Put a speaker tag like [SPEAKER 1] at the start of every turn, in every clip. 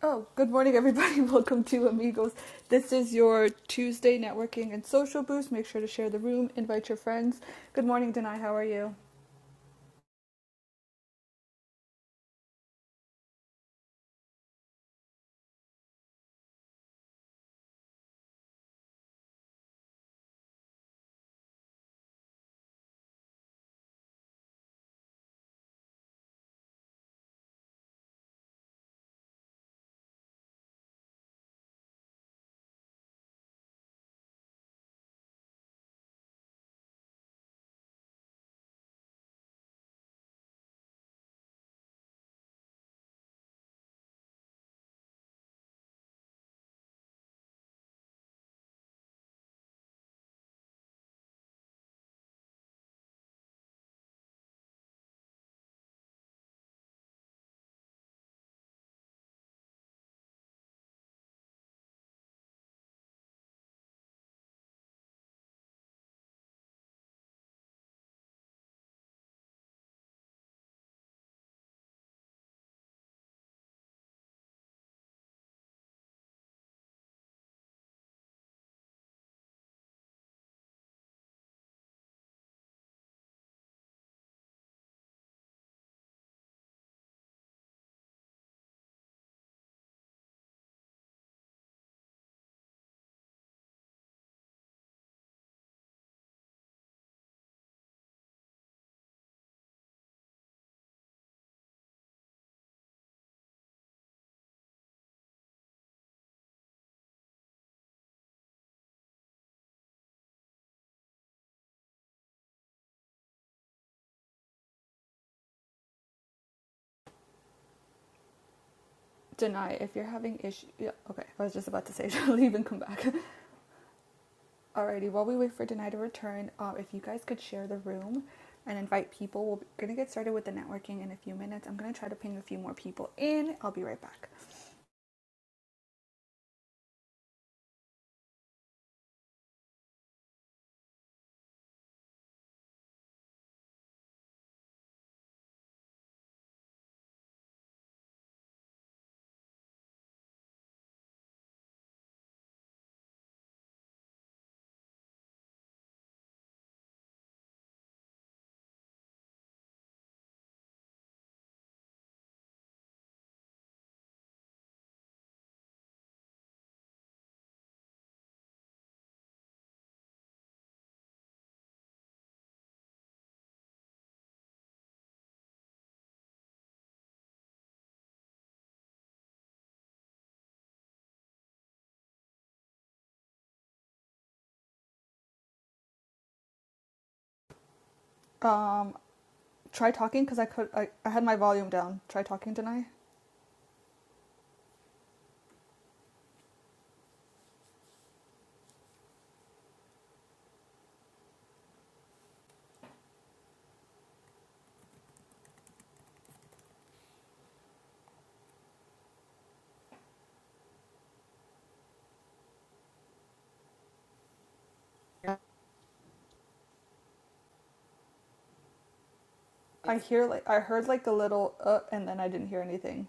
[SPEAKER 1] Oh, good morning, everybody. Welcome to Amigos. This is your Tuesday networking and social boost. Make sure to share the room, invite your friends. Good morning, Denai. How are you? Denai, if you're having issues. Yeah, okay. I was just about to say, she'll leave and come back. Alrighty, while we wait for Denai to return, uh, if you guys could share the room and invite people, we're going to get started with the networking in a few minutes. I'm going to try to ping a few more people in. I'll be right back. Um, try talking because I could. I, I had my volume down. Try talking, Denai.
[SPEAKER 2] here.
[SPEAKER 1] I hear like I heard like a little uh and then I didn't hear anything.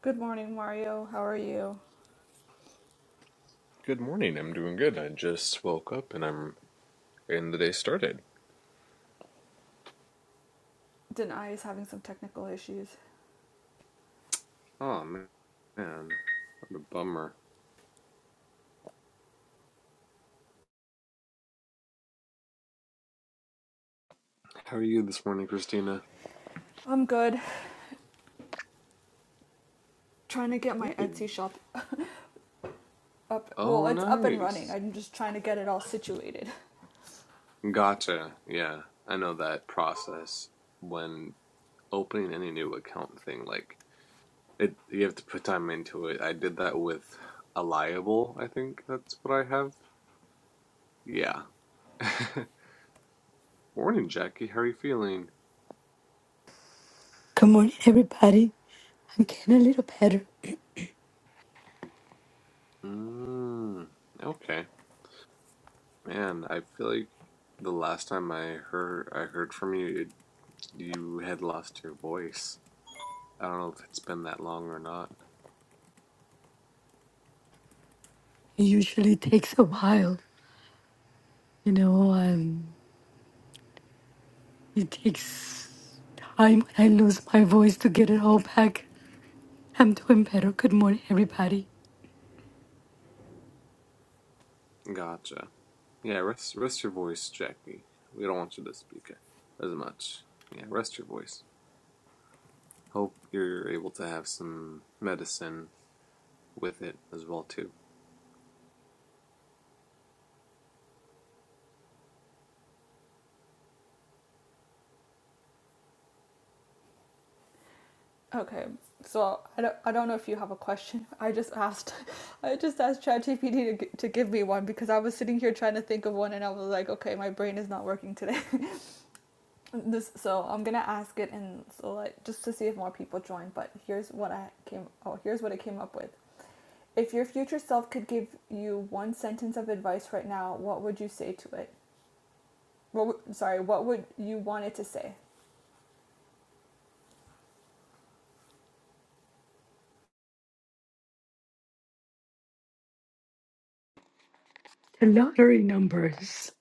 [SPEAKER 1] Good morning, Mario. How are you?
[SPEAKER 3] Good morning. I'm doing good. I just woke up and I'm getting the day started.
[SPEAKER 1] Denai is having some technical issues.
[SPEAKER 3] Oh man, what a bummer. How are you this morning, Christina?
[SPEAKER 1] I'm good. Trying to get my
[SPEAKER 3] Hey.
[SPEAKER 1] Etsy shop up. Well,
[SPEAKER 3] Oh,
[SPEAKER 1] it's up and running.
[SPEAKER 3] nice.
[SPEAKER 1] I'm just trying to get it all situated.
[SPEAKER 3] Gotcha. Yeah, I know that process when opening any new account thing. Like it, you have to put time into it. I did that with Alliable. I think that's what I have. Yeah. morning, Jackie. How are you feeling?
[SPEAKER 4] Good morning, everybody. I'm getting a little better.
[SPEAKER 3] Mm, okay. Man, I feel like the last time I heard I heard from you, it, you had lost your voice. I don't know if it's been that long or not.
[SPEAKER 4] It usually takes a while, you know, um, it takes time when I lose my voice to get it all back. I'm doing better. Good morning, everybody.
[SPEAKER 3] Gotcha. Yeah, rest rest your voice, Jackie. We don't want you to speak it as much. Yeah, rest your voice. Hope you're able to have some medicine with it as well too.
[SPEAKER 1] Okay. So I don't, I don't know if you have a question. I just asked I just asked ChatGPT to to give me one because I was sitting here trying to think of one and I was like, okay, my brain is not working today. this so i'm gonna ask it and so like just to see if more people join but here's what i came oh here's what i came up with if your future self could give you one sentence of advice right now what would you say to it what sorry what would you want it to say
[SPEAKER 4] The lottery numbers.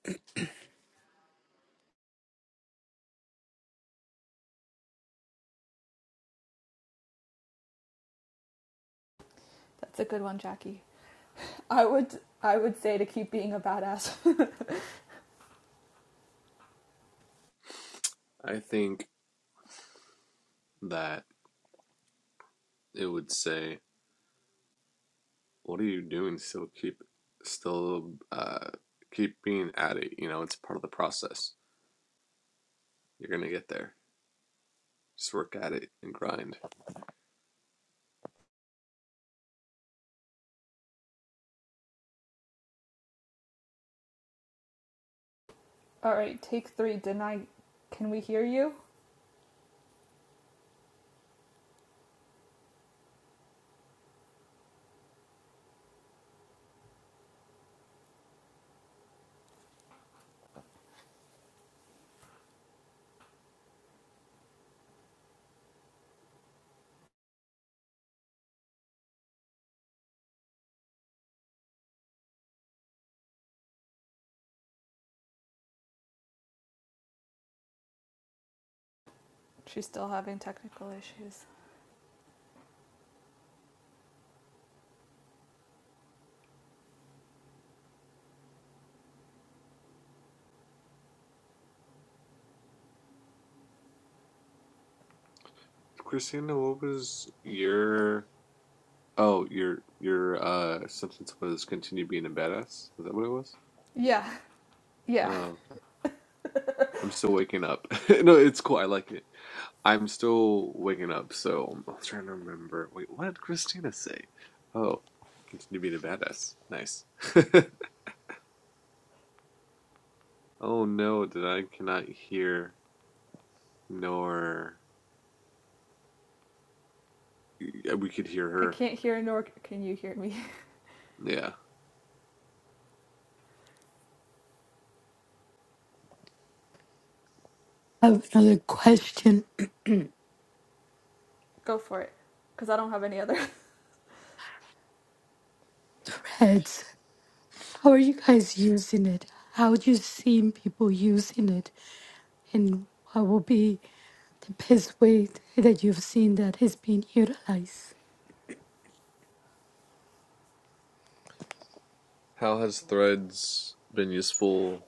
[SPEAKER 1] that's a good one jackie i would i would say to keep being a badass
[SPEAKER 3] I think that it would say, "What are you doing? Still keep, still uh, keep being at it. You know, it's part of the process. You're gonna get there." Just work at it and grind.
[SPEAKER 1] all right take three didn't i can we hear you she's still having technical issues
[SPEAKER 3] Christina, what was your oh your your uh sentence was continue being a badass? Is that what it was?
[SPEAKER 1] yeah
[SPEAKER 3] Oh,
[SPEAKER 1] yeah
[SPEAKER 3] okay. I'm still waking up. no, it's cool. I like it. I'm still waking up, so I'm trying to remember. Wait, what did Christina say? Oh, continue being a badass. Nice. oh no, did I cannot hear nor yeah, we could hear
[SPEAKER 1] i
[SPEAKER 3] her.
[SPEAKER 1] can't hear nor can you hear me
[SPEAKER 3] Yeah.
[SPEAKER 4] I have another question.
[SPEAKER 1] go for it because i don't have any other
[SPEAKER 4] Threads. How are you guys using it? How do you see people using it? And what will be the best way that you've seen that is being utilized?
[SPEAKER 3] How has Threads been useful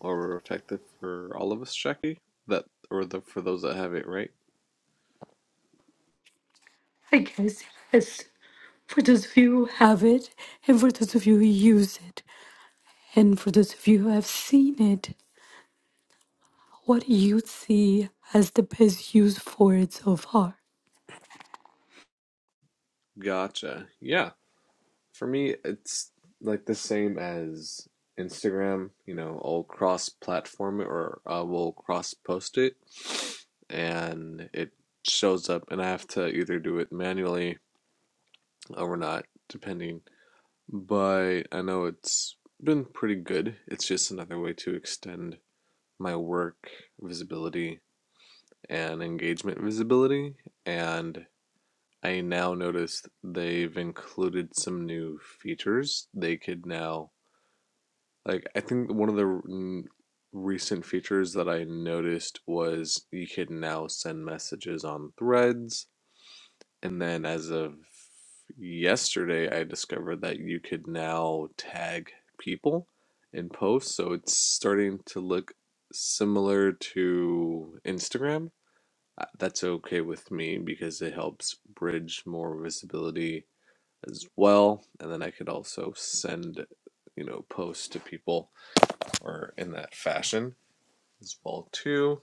[SPEAKER 3] or effective for all of us, Jackie? That or the for those that have it, right?
[SPEAKER 4] I guess yes. for those of you who have it, and for those of you who use it, and for those of you who have seen it, what do you see as the best use for it so far.
[SPEAKER 3] Gotcha. Yeah. For me, it's like the same as Instagram. You know, I'll cross-platform it or I will cross-post it, and it shows up, and I have to either do it manually or not, depending. But I know it's been pretty good. It's just another way to extend my work visibility and engagement visibility. And I now noticed they've included some new features. They could now, like, I think one of the r- n- recent features that I noticed was you could now send messages on threads. And then as of yesterday, I discovered that you could now tag people in posts. So it's starting to look similar to Instagram uh, that's okay with me because it helps bridge more visibility as well and then i could also send you know posts to people or in that fashion as well too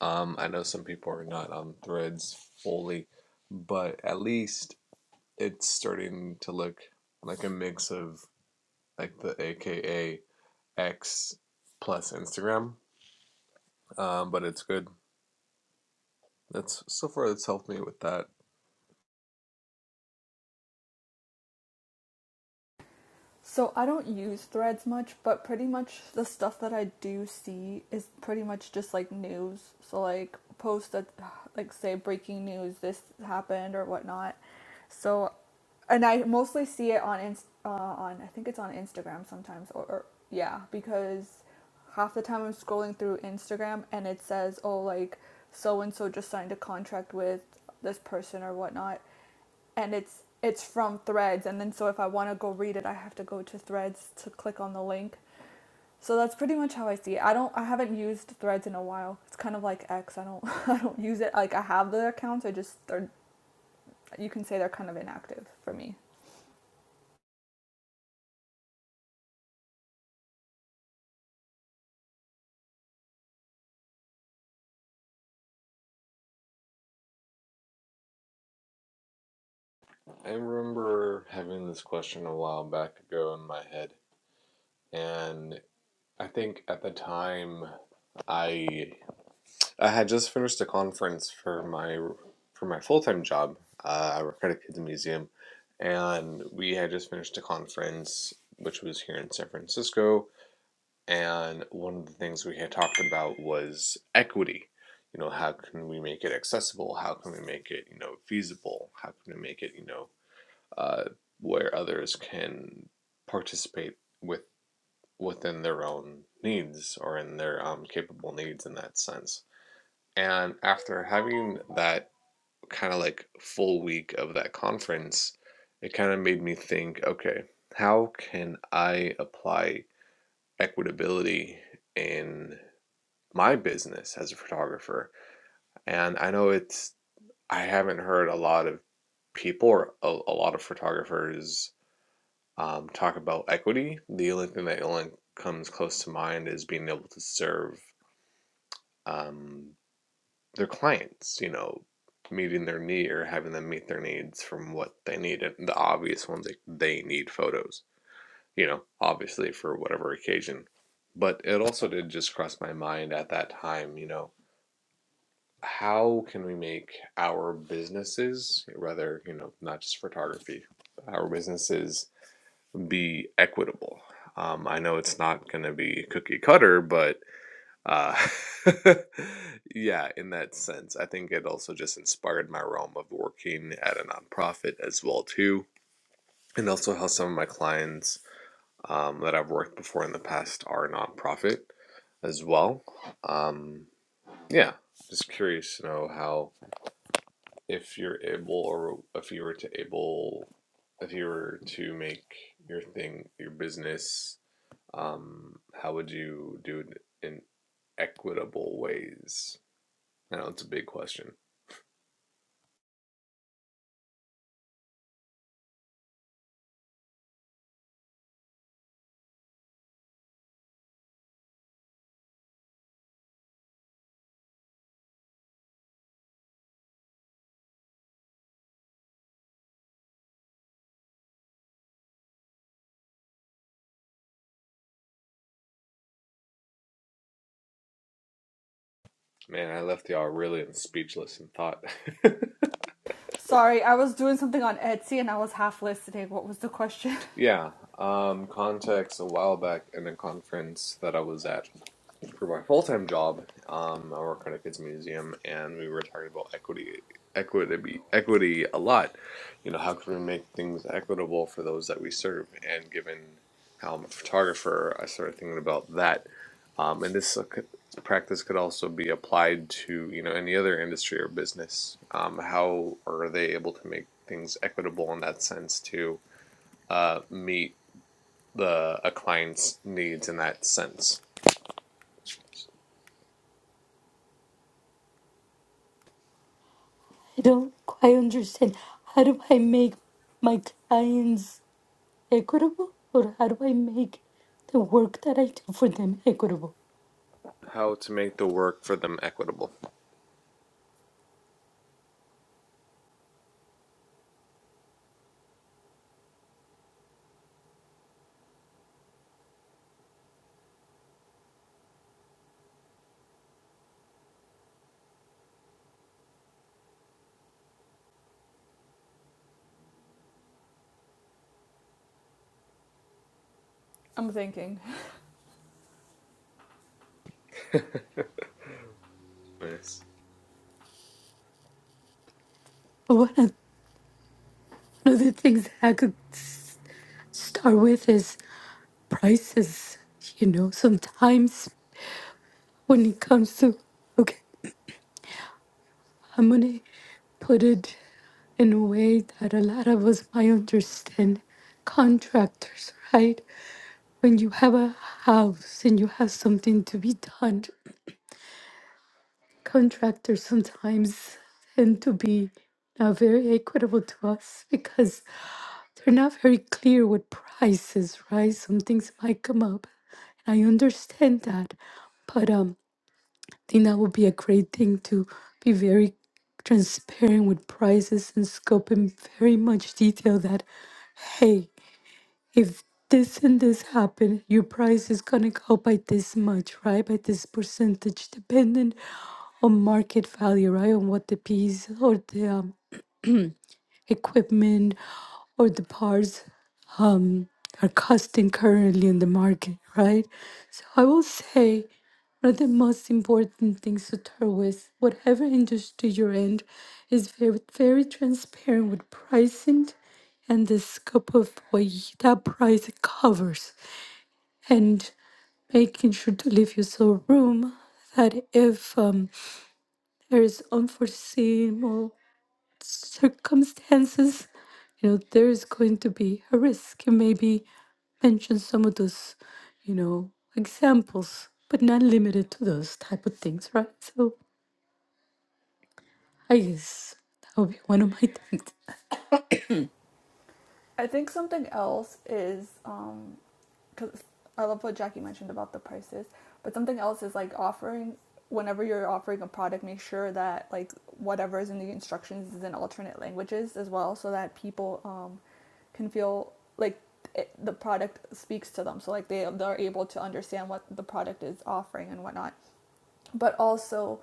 [SPEAKER 3] um, i know some people are not on threads fully but at least it's starting to look like a mix of like the aka x plus instagram um, but it's good that's so far it's helped me with that
[SPEAKER 1] So I don't use threads much, but pretty much the stuff that I do see is pretty much just like news. So like posts that like say breaking news, this happened or whatnot. So, and I mostly see it on uh, on I think it's on Instagram sometimes or, or yeah because half the time I'm scrolling through Instagram and it says oh like so and so just signed a contract with this person or whatnot and it's it's from threads and then so if i want to go read it i have to go to threads to click on the link so that's pretty much how i see it i don't i haven't used threads in a while it's kind of like x i don't i don't use it like i have the accounts i just they're you can say they're kind of inactive for me
[SPEAKER 3] I remember having this question a while back ago in my head, and I think at the time I I had just finished a conference for my for my full time job. Uh, I work at a kids museum, and we had just finished a conference which was here in San Francisco. And one of the things we had talked about was equity. You know, how can we make it accessible? How can we make it you know feasible? How can we make it you know uh, where others can participate with within their own needs or in their um, capable needs in that sense. And after having that kind of like full week of that conference, it kind of made me think, okay, how can I apply equitability in my business as a photographer? And I know it's I haven't heard a lot of people or a, a lot of photographers um, talk about equity, the only thing that only comes close to mind is being able to serve um, their clients, you know, meeting their need or having them meet their needs from what they need. And the obvious ones, like they need photos, you know, obviously for whatever occasion. But it also did just cross my mind at that time, you know, how can we make our businesses, rather, you know, not just photography, our businesses be equitable. Um, I know it's not going to be cookie cutter, but uh, yeah, in that sense, I think it also just inspired my realm of working at a nonprofit as well too, and also how some of my clients um, that I've worked before in the past are nonprofit as well. Um, yeah, just curious to know how if you're able or if you were to able if you were to make your thing your business Um, how would you do it in equitable ways? I know it's a big question. Man, I left y'all really speechless in thought.
[SPEAKER 1] sorry i was doing something on etsy and i was half listening what was the question
[SPEAKER 3] yeah, um, context a while back in a conference that I was at, for my full time job, um, I work at a kids museum, and we were talking about equity, equity, equity a lot. You know, how can we make things equitable for those that we serve? And given how I'm a photographer, I started thinking about that. Um, and this uh, could- practice could also be applied to you know any other industry or business. Um, how are they able to make things equitable in that sense to uh, meet the a client's needs in that sense?
[SPEAKER 4] I don't quite understand. How do I make my clients equitable, or how do I make the work that I do for them equitable?
[SPEAKER 3] how to make the work for them equitable.
[SPEAKER 1] i'm thinking
[SPEAKER 3] Nice.
[SPEAKER 4] One of, one of the things that I could s- start with is prices. You know, sometimes when it comes to okay. I'm gonna put it in a way that a lot of us might understand. Contractors, right? When you have a house and you have something to be done, contractors sometimes tend to be not very equitable to us because they're not very clear with prices, right? Some things might come up. I understand that. but um. think that would be a great thing to be very transparent with prices and scope in very much detail that hey if this and this happen your price is gonna go by this much right by this percentage dependent on market value right on what the piece or the um, equipment or the parts um, are costing currently in the market, right? So I will say one of the most important things to start with, whatever industry you're in, is very, very transparent with pricing and the scope of what y- that price covers, and making sure to leave yourself room that if um, there is unforeseen circumstances, you know, there is going to be a risk. And maybe mention some of those, you know, examples, but not limited to those type of things, right? So I guess that would be one of my things.
[SPEAKER 1] i think something else is um because I love what Jackie mentioned about the prices. But something else is like offering whenever you're offering a product, make sure that like whatever is in the instructions is in alternate languages as well, so that people um, can feel like it, the product speaks to them. So like they they're able to understand what the product is offering and whatnot. But also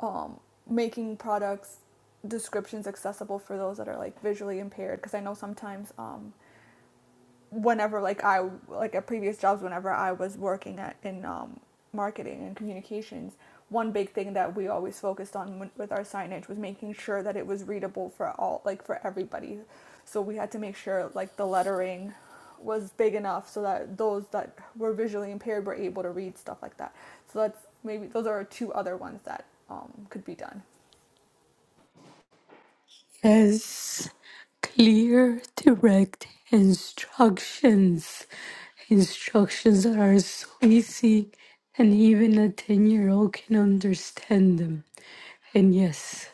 [SPEAKER 1] um, making products descriptions accessible for those that are like visually impaired because I know sometimes um, whenever like I like at previous jobs whenever I was working at in um, marketing and communications one big thing that we always focused on with our signage was making sure that it was readable for all like for everybody so we had to make sure like the lettering was big enough so that those that were visually impaired were able to read stuff like that so that's maybe those are two other ones that um, could be done
[SPEAKER 4] Yes, clear, direct instructions. Instructions that are so easy, and even a 10 year old can understand them. And yes,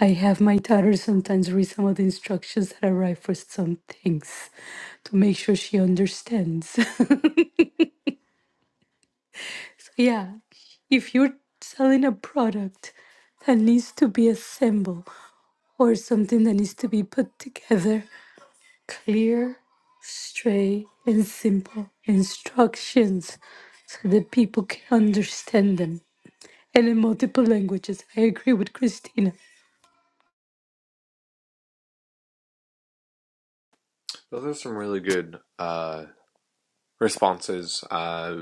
[SPEAKER 4] I have my daughter sometimes read some of the instructions that I write for some things to make sure she understands. yeah, if you're selling a product that needs to be assembled or something that needs to be put together, clear, straight, and simple instructions so that people can understand them and in multiple languages. I agree with Christina.
[SPEAKER 3] Those are some really good uh, responses uh,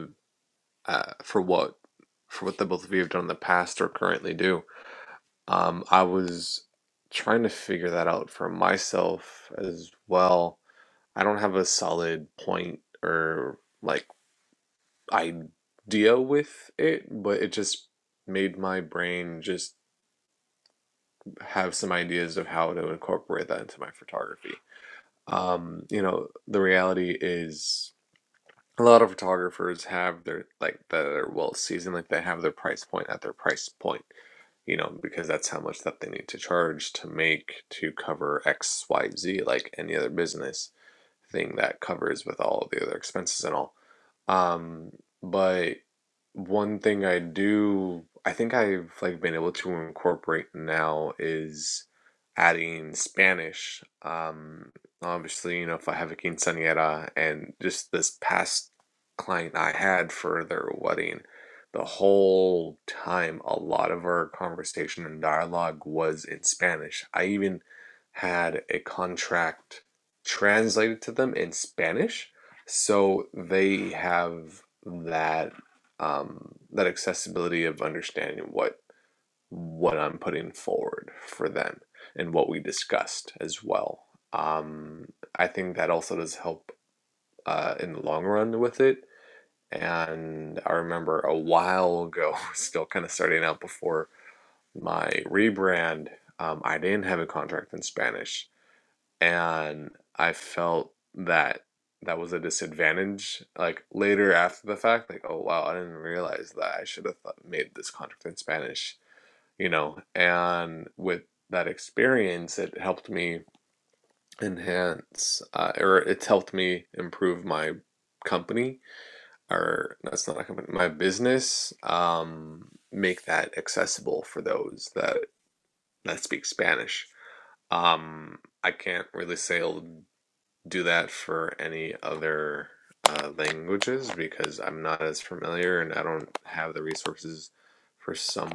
[SPEAKER 3] uh, for what for what the both of you have done in the past or currently do. Um, I was trying to figure that out for myself as well. I don't have a solid point or like idea with it, but it just made my brain just have some ideas of how to incorporate that into my photography. Um, you know, the reality is a lot of photographers have their like their well seasoned, like they have their price point at their price point, you know, because that's how much that they need to charge to make to cover X, Y, Z, like any other business thing that covers with all the other expenses and all. Um, but one thing I do, I think I've like been able to incorporate now is adding Spanish. Um, obviously, you know, if I have a quinceañera and just this past client I had for their wedding, the whole time a lot of our conversation and dialogue was in Spanish. I even had a contract translated to them in Spanish so they have that um, that accessibility of understanding what what I'm putting forward for them and what we discussed as well. Um, I think that also does help uh, in the long run with it. And I remember a while ago, still kind of starting out before my rebrand, um, I didn't have a contract in Spanish and I felt that that was a disadvantage. Like later after the fact, like oh wow, I didn't realize that I should have thought, made this contract in Spanish, you know. And with that experience, it helped me enhance, uh, or it's helped me improve my company, or that's not a company, my business. Um, make that accessible for those that that speak Spanish. Um, I can't really say do that for any other uh, languages because I'm not as familiar and I don't have the resources for some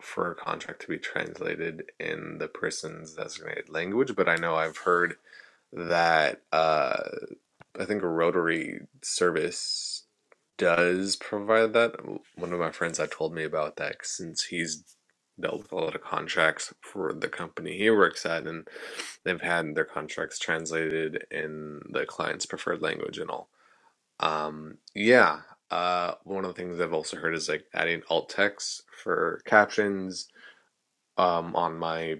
[SPEAKER 3] for a contract to be translated in the person's designated language. But I know I've heard that uh, I think a Rotary service does provide that. One of my friends had told me about that since he's dealt with a lot of contracts for the company he works at and They've had their contracts translated in the client's preferred language and all. Um, yeah. Uh, one of the things I've also heard is like adding alt text for captions um, on my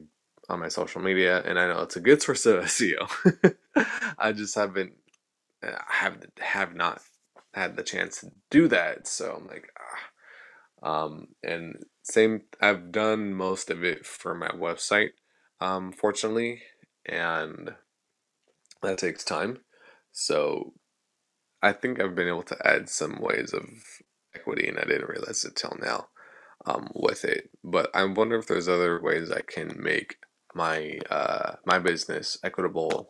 [SPEAKER 3] on my social media, and I know it's a good source of SEO. I just haven't uh, have have not had the chance to do that, so I'm like, ah. um, and same. I've done most of it for my website, um, fortunately, and that takes time. So I think I've been able to add some ways of equity, and I didn't realize it till now um, with it. But I wonder if there's other ways I can make my uh, my business equitable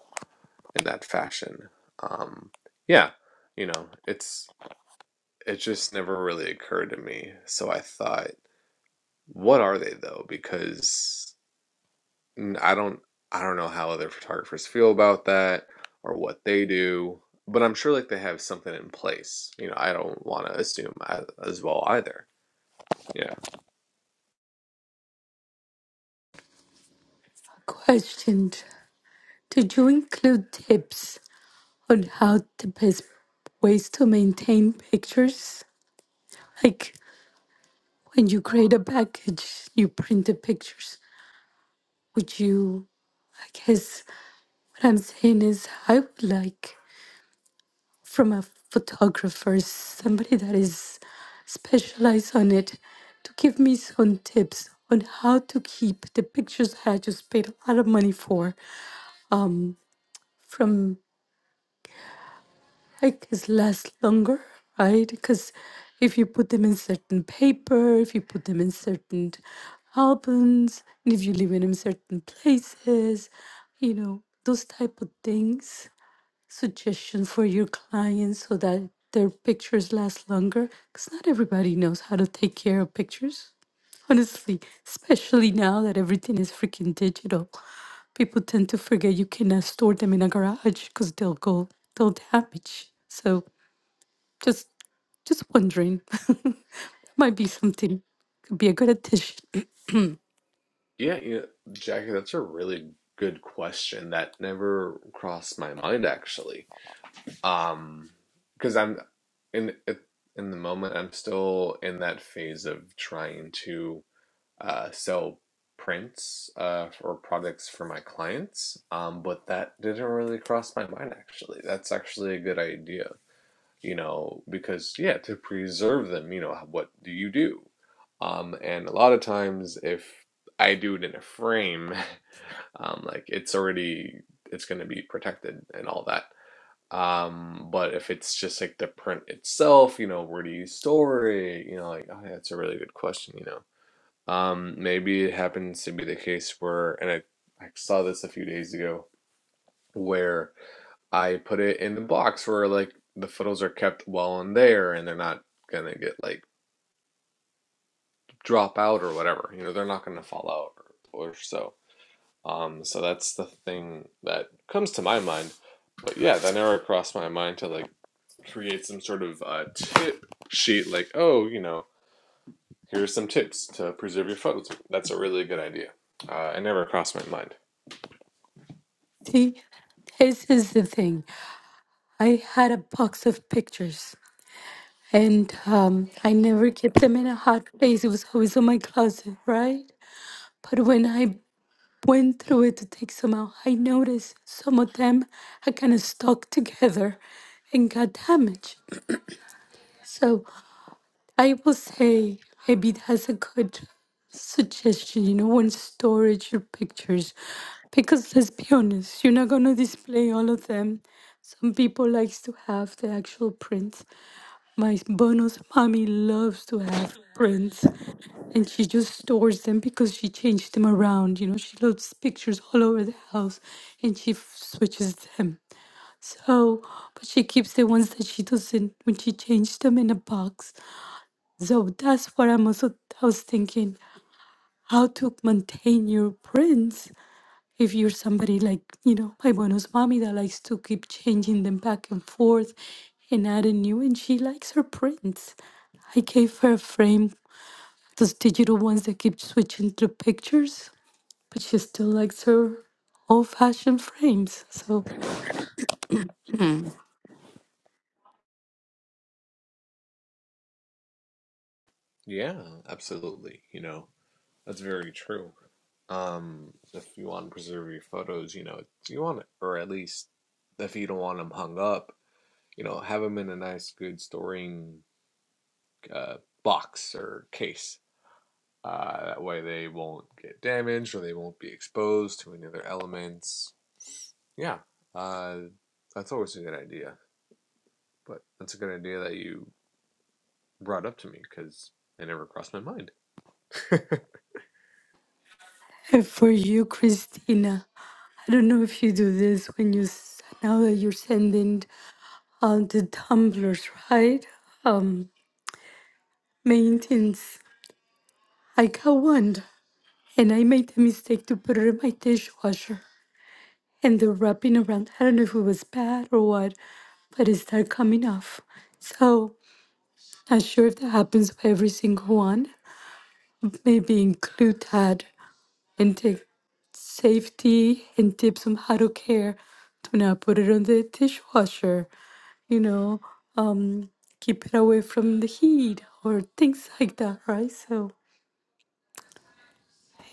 [SPEAKER 3] in that fashion. Um, yeah, you know, it's it just never really occurred to me. So I thought, what are they though? Because n- I don't I don't know how other photographers feel about that or what they do, but I'm sure like they have something in place. You know, I don't want to assume a- as well either. Yeah.
[SPEAKER 4] Question Did you include tips on how the best ways to maintain pictures? Like when you create a package, you print the pictures. Would you, I guess, what I'm saying is, I would like from a photographer, somebody that is specialized on it, to give me some tips on how to keep the pictures that I just paid a lot of money for from like this last longer, right? Because if you put them in certain paper, if you put them in certain albums, and if you leave them in certain places, you know, those type of things suggestion for your clients so that their pictures last longer? Because not everybody knows how to take care of pictures, honestly, especially now that everything is freaking digital. People tend to forget you cannot store them in a garage because they'll go, they'll damage. So just, just wondering, might be something. Could be a good addition.
[SPEAKER 3] Yeah, you know, Jackie, that's a really good question that never crossed my mind actually. Um because I'm in in the moment I'm still in that phase of trying to uh, sell prints uh, or products for my clients. Um, but that didn't really cross my mind actually. That's actually a good idea, you know, because yeah, to preserve them, you know, what do you do? Um, and a lot of times, if I do it in a frame, um, like it's already it's going to be protected and all that. Um, but if it's just like the print itself, you know, where do you store it? You know, like oh, that's a really good question, you know um, maybe it happens to be the case where, and I, I saw this a few days ago, where I put it in the box where like the photos are kept well in there and they're not gonna get like drop out or whatever. You know, they're not gonna fall out or, or so. Um, so that's the thing that comes to my mind. But yeah, that never crossed my mind to like create some sort of uh, tip sheet, like, oh, you know, here's some tips to preserve your photos. That's a really good idea. Uh, it never crossed my mind.
[SPEAKER 4] See, this is the thing. I had a box of pictures And um, I never kept them in a hot place. It was always in my closet, right? But when I went through it to take some out, I noticed some of them had kind of stuck together and got damaged. So I will say maybe that's a good suggestion, you know, when storage your pictures. Because let's be honest, you're not gonna display all of them. Some people likes to have the actual print. My bonus mommy loves to have prints and she just stores them because she changed them around. You know, she loads pictures all over the house and she f- switches them. So, but she keeps the ones that she doesn't when she changed them in a box. So that's what I'm also, I was thinking how to maintain your prints if you're somebody like, you know, my bonus mommy that likes to keep changing them back and forth and adding new, and she likes her prints. I gave her a frame, those digital ones that keep switching through pictures, but she still likes her old fashioned frames. So,
[SPEAKER 3] Yeah, absolutely. You know, that's very true. Um, if you want to preserve your photos, you know, you want, or at least if you don't want them hung up, you know, have them in a nice, good storing uh, box or case. Uh, that way they won't get damaged or they won't be exposed to any other elements. Yeah, uh, that's always a good idea. But that's a good idea that you brought up to me because it never crossed my mind.
[SPEAKER 4] and for you, Christina, I don't know if you do this when you s- now that you're sending um, the tumblers, right? Um, maintenance. I got one. and I made the mistake to put it in my dishwasher. And the wrapping around, I don't know if it was bad or what, but it started coming off. So, not sure if that happens with every single one. Maybe include that and take safety and tips on how to care to not put it on the dishwasher, you know, um, keep it away from the heat or things like that, right? So,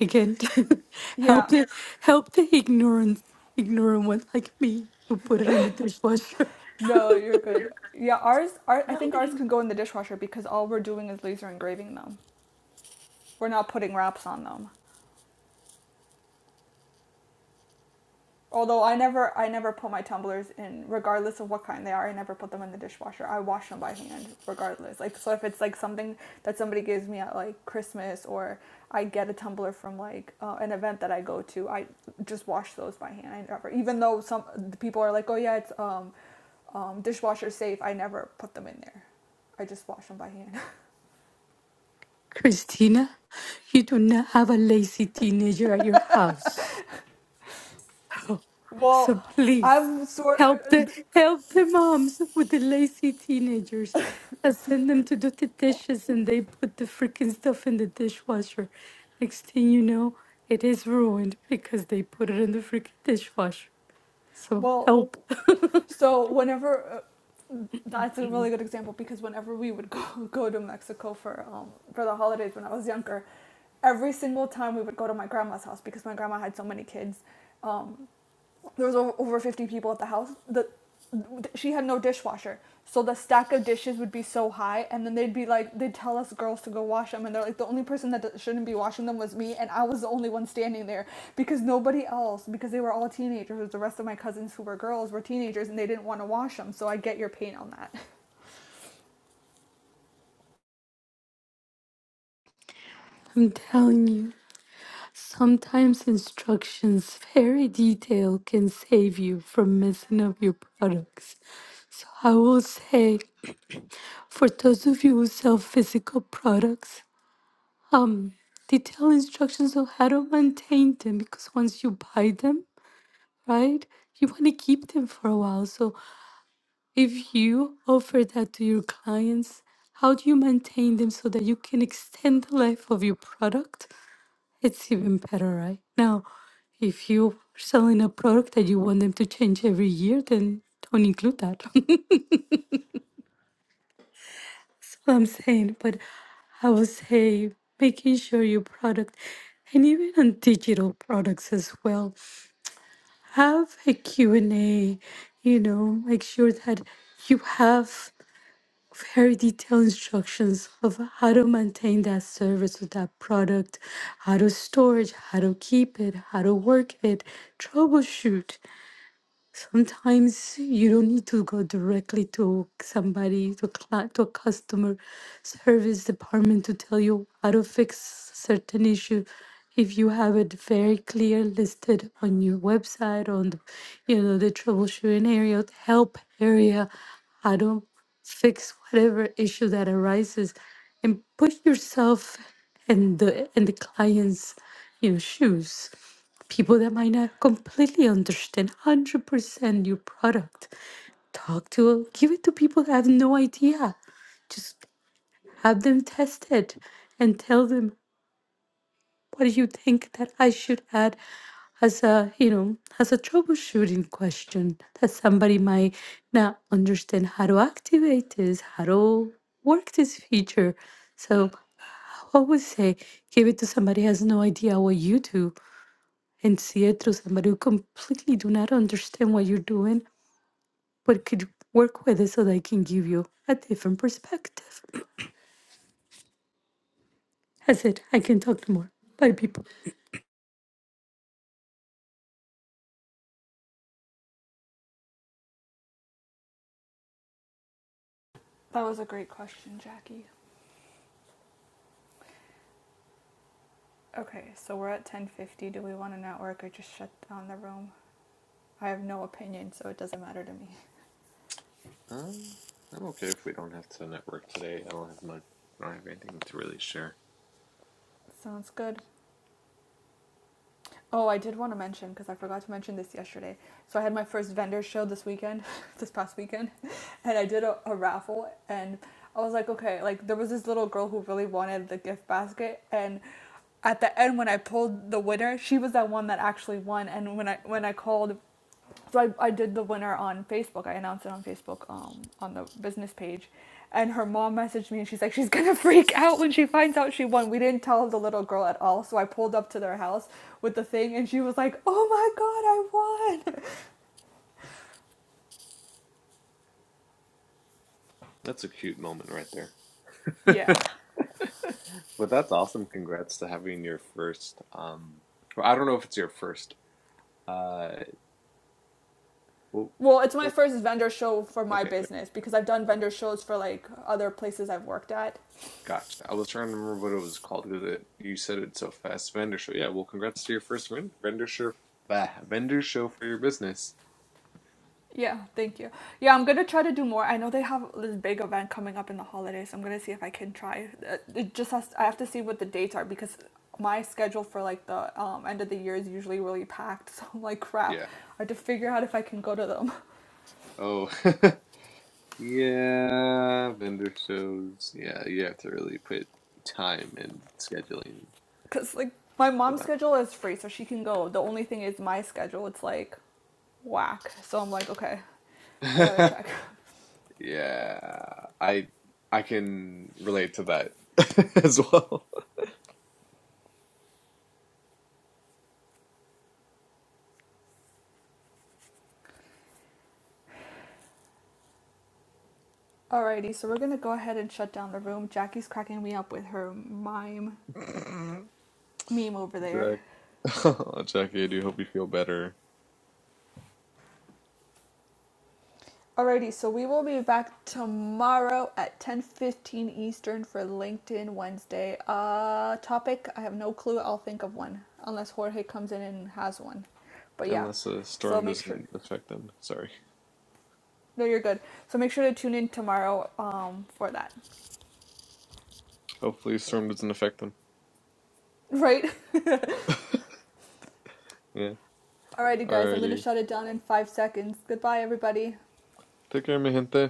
[SPEAKER 4] Again, help
[SPEAKER 1] yeah
[SPEAKER 4] the help the ignorant ignorant one like me who put it in the dishwasher.
[SPEAKER 1] no you're good yeah ours our, i think ours can go in the dishwasher because all we're doing is laser engraving them We're not putting wraps on them. Although I never I never put my tumblers in regardless of what kind they are. I never put them in the dishwasher. I wash them by hand regardless. Like so if it's like something that somebody gives me at like Christmas or I get a tumbler from like uh, an event that I go to, I just wash those by hand. I never, even though some people are like, "Oh yeah, it's um, um dishwasher safe." I never put them in there. I just wash them by hand.
[SPEAKER 4] Christina, you do not have a lazy teenager at your house. Oh, So
[SPEAKER 1] well,
[SPEAKER 4] please
[SPEAKER 1] I'm sort
[SPEAKER 4] help the help the moms with the lazy teenagers that send them to do the
[SPEAKER 1] of...
[SPEAKER 4] dishes and they put the freaking stuff in the dishwasher. Next thing you know, it is ruined because they put it in the freaking dishwasher. So
[SPEAKER 1] well,
[SPEAKER 4] help.
[SPEAKER 1] so whenever uh, That's a really good example because whenever we would go, go to Mexico for um, for the holidays when I was younger, every single time we would go to my grandma's house because my grandma had so many kids. Um, there was over, 50 people at the house. The, she had no dishwasher. So the stack of dishes would be so high, and then they'd be like, they'd tell us girls to go wash them, and they're like, the only person that shouldn't be washing them was me, and I was the only one standing there because nobody else, because they were all teenagers. The rest of my cousins who were girls were teenagers, and they didn't want to wash them. So I get your pain on that.
[SPEAKER 4] I'm telling you, sometimes instructions, very detailed, can save you from messing up your products. So I will say, for those of you who sell physical products, um, detailed instructions on how to maintain them because once you buy them, right, you want to keep them for a while. So if you offer that to your clients, how do you maintain them so that you can extend the life of your product It's even better, right? Now, if you're selling a product that you want them to change every year, then don't include that. That's what I'm saying. But I would say making sure your product and even on digital products as well, have a Q&A, you know, make sure that you have very detailed instructions of how to maintain that service with that product, how to store it, how to keep it, how to work it, troubleshoot. Sometimes you don't need to go directly to somebody, to, a, cli to a customer service department to tell you how to fix certain issue. If you have it very clear listed on your website, on the, you know, the troubleshooting area, the help area, how to fix whatever issue that arises, and put yourself in the in the client's, you know, shoes people that might not completely understand 100% your product. Talk to, give it to people that have no idea. Just have them test it and tell them what do you think that I should add as a, you know, as a troubleshooting question that somebody might not understand how to activate this, how to work this feature. So I would say give it to somebody who has no idea what you do and see it through somebody who completely do not understand what you're doing, but could work with it so they can give you a different perspective. That's it. I can talk more. Bye, people.
[SPEAKER 1] That was a great question, Jackie. Okay, so we're at 10:50. Do we want to network or just shut down the room? I have no opinion, so it doesn't matter to me.
[SPEAKER 3] Um, I'm okay if we don't have to network today. I don't have much. I don't have anything to really share.
[SPEAKER 1] Sounds good. Oh, I did want to mention because I forgot to mention this yesterday. So I had my first vendor show this weekend, this past weekend, and I did a, a raffle and I was like, okay, like there was this little girl who really wanted the gift basket and at the end when I pulled the winner, she was that one that actually won and when I when I called so I, I did the winner on Facebook. I announced it on Facebook um, on the business page. And her mom messaged me and she's like, she's going to freak out when she finds out she won. We didn't tell the little girl at all. So I pulled up to their house with the thing and she was like, oh my God, I won.
[SPEAKER 3] That's a cute moment right there.
[SPEAKER 1] yeah.
[SPEAKER 3] But that's awesome. Congrats to having your first. Um, well, I don't know if it's your first. Uh, well,
[SPEAKER 1] Well, it's my first vendor show for my
[SPEAKER 3] okay,
[SPEAKER 1] business because I've done vendor shows for like other places I've worked at.
[SPEAKER 3] gotcha. I was trying to remember what it was called because you said it so fast. Vendor show. Yeah. Well, congrats to your first vendor show. Bah, vendor show for your business.
[SPEAKER 1] Yeah, thank you. Yeah, I'm gonna try to do more. I know they have this big event coming up in the holidays. so I'm gonna see if I can try. Uh, It just has. I have to see what the dates are because my schedule for like the um, end of the year is usually really packed. So I'm like, crap.
[SPEAKER 3] Yeah.
[SPEAKER 1] I have to figure out if I can go to them
[SPEAKER 3] Oh. yeah. Vendor shows. Yeah. You have to really put time and scheduling
[SPEAKER 1] because like my
[SPEAKER 3] for
[SPEAKER 1] mom's
[SPEAKER 3] them.
[SPEAKER 1] schedule is free, so she can go. The only thing is my schedule. It's like whack. So I'm like, okay, I gotta check.
[SPEAKER 3] yeah, I I can relate to that as well.
[SPEAKER 1] Alrighty, so we're gonna go ahead and shut down the room. Jackie's cracking me up with her mime meme over there.
[SPEAKER 3] Jack, oh, Jackie, I do hope you feel better.
[SPEAKER 1] Alrighty, so we will be back tomorrow at 10:15 Eastern for LinkedIn Wednesday. Uh topic, I have no clue. I'll think of one unless Jorge comes in and has one. But yeah.
[SPEAKER 3] Unless a
[SPEAKER 1] So
[SPEAKER 3] storm
[SPEAKER 1] make sure
[SPEAKER 3] doesn't affect them. Sorry.
[SPEAKER 1] no you're good. So make sure to tune in tomorrow um for that.
[SPEAKER 3] Hopefully, a storm doesn't affect them.
[SPEAKER 1] Right?
[SPEAKER 3] Yeah.
[SPEAKER 1] Alrighty guys, I'm going to
[SPEAKER 3] Alrighty.
[SPEAKER 1] shut it down in 5 seconds. Goodbye everybody.
[SPEAKER 3] Take care, mi gente.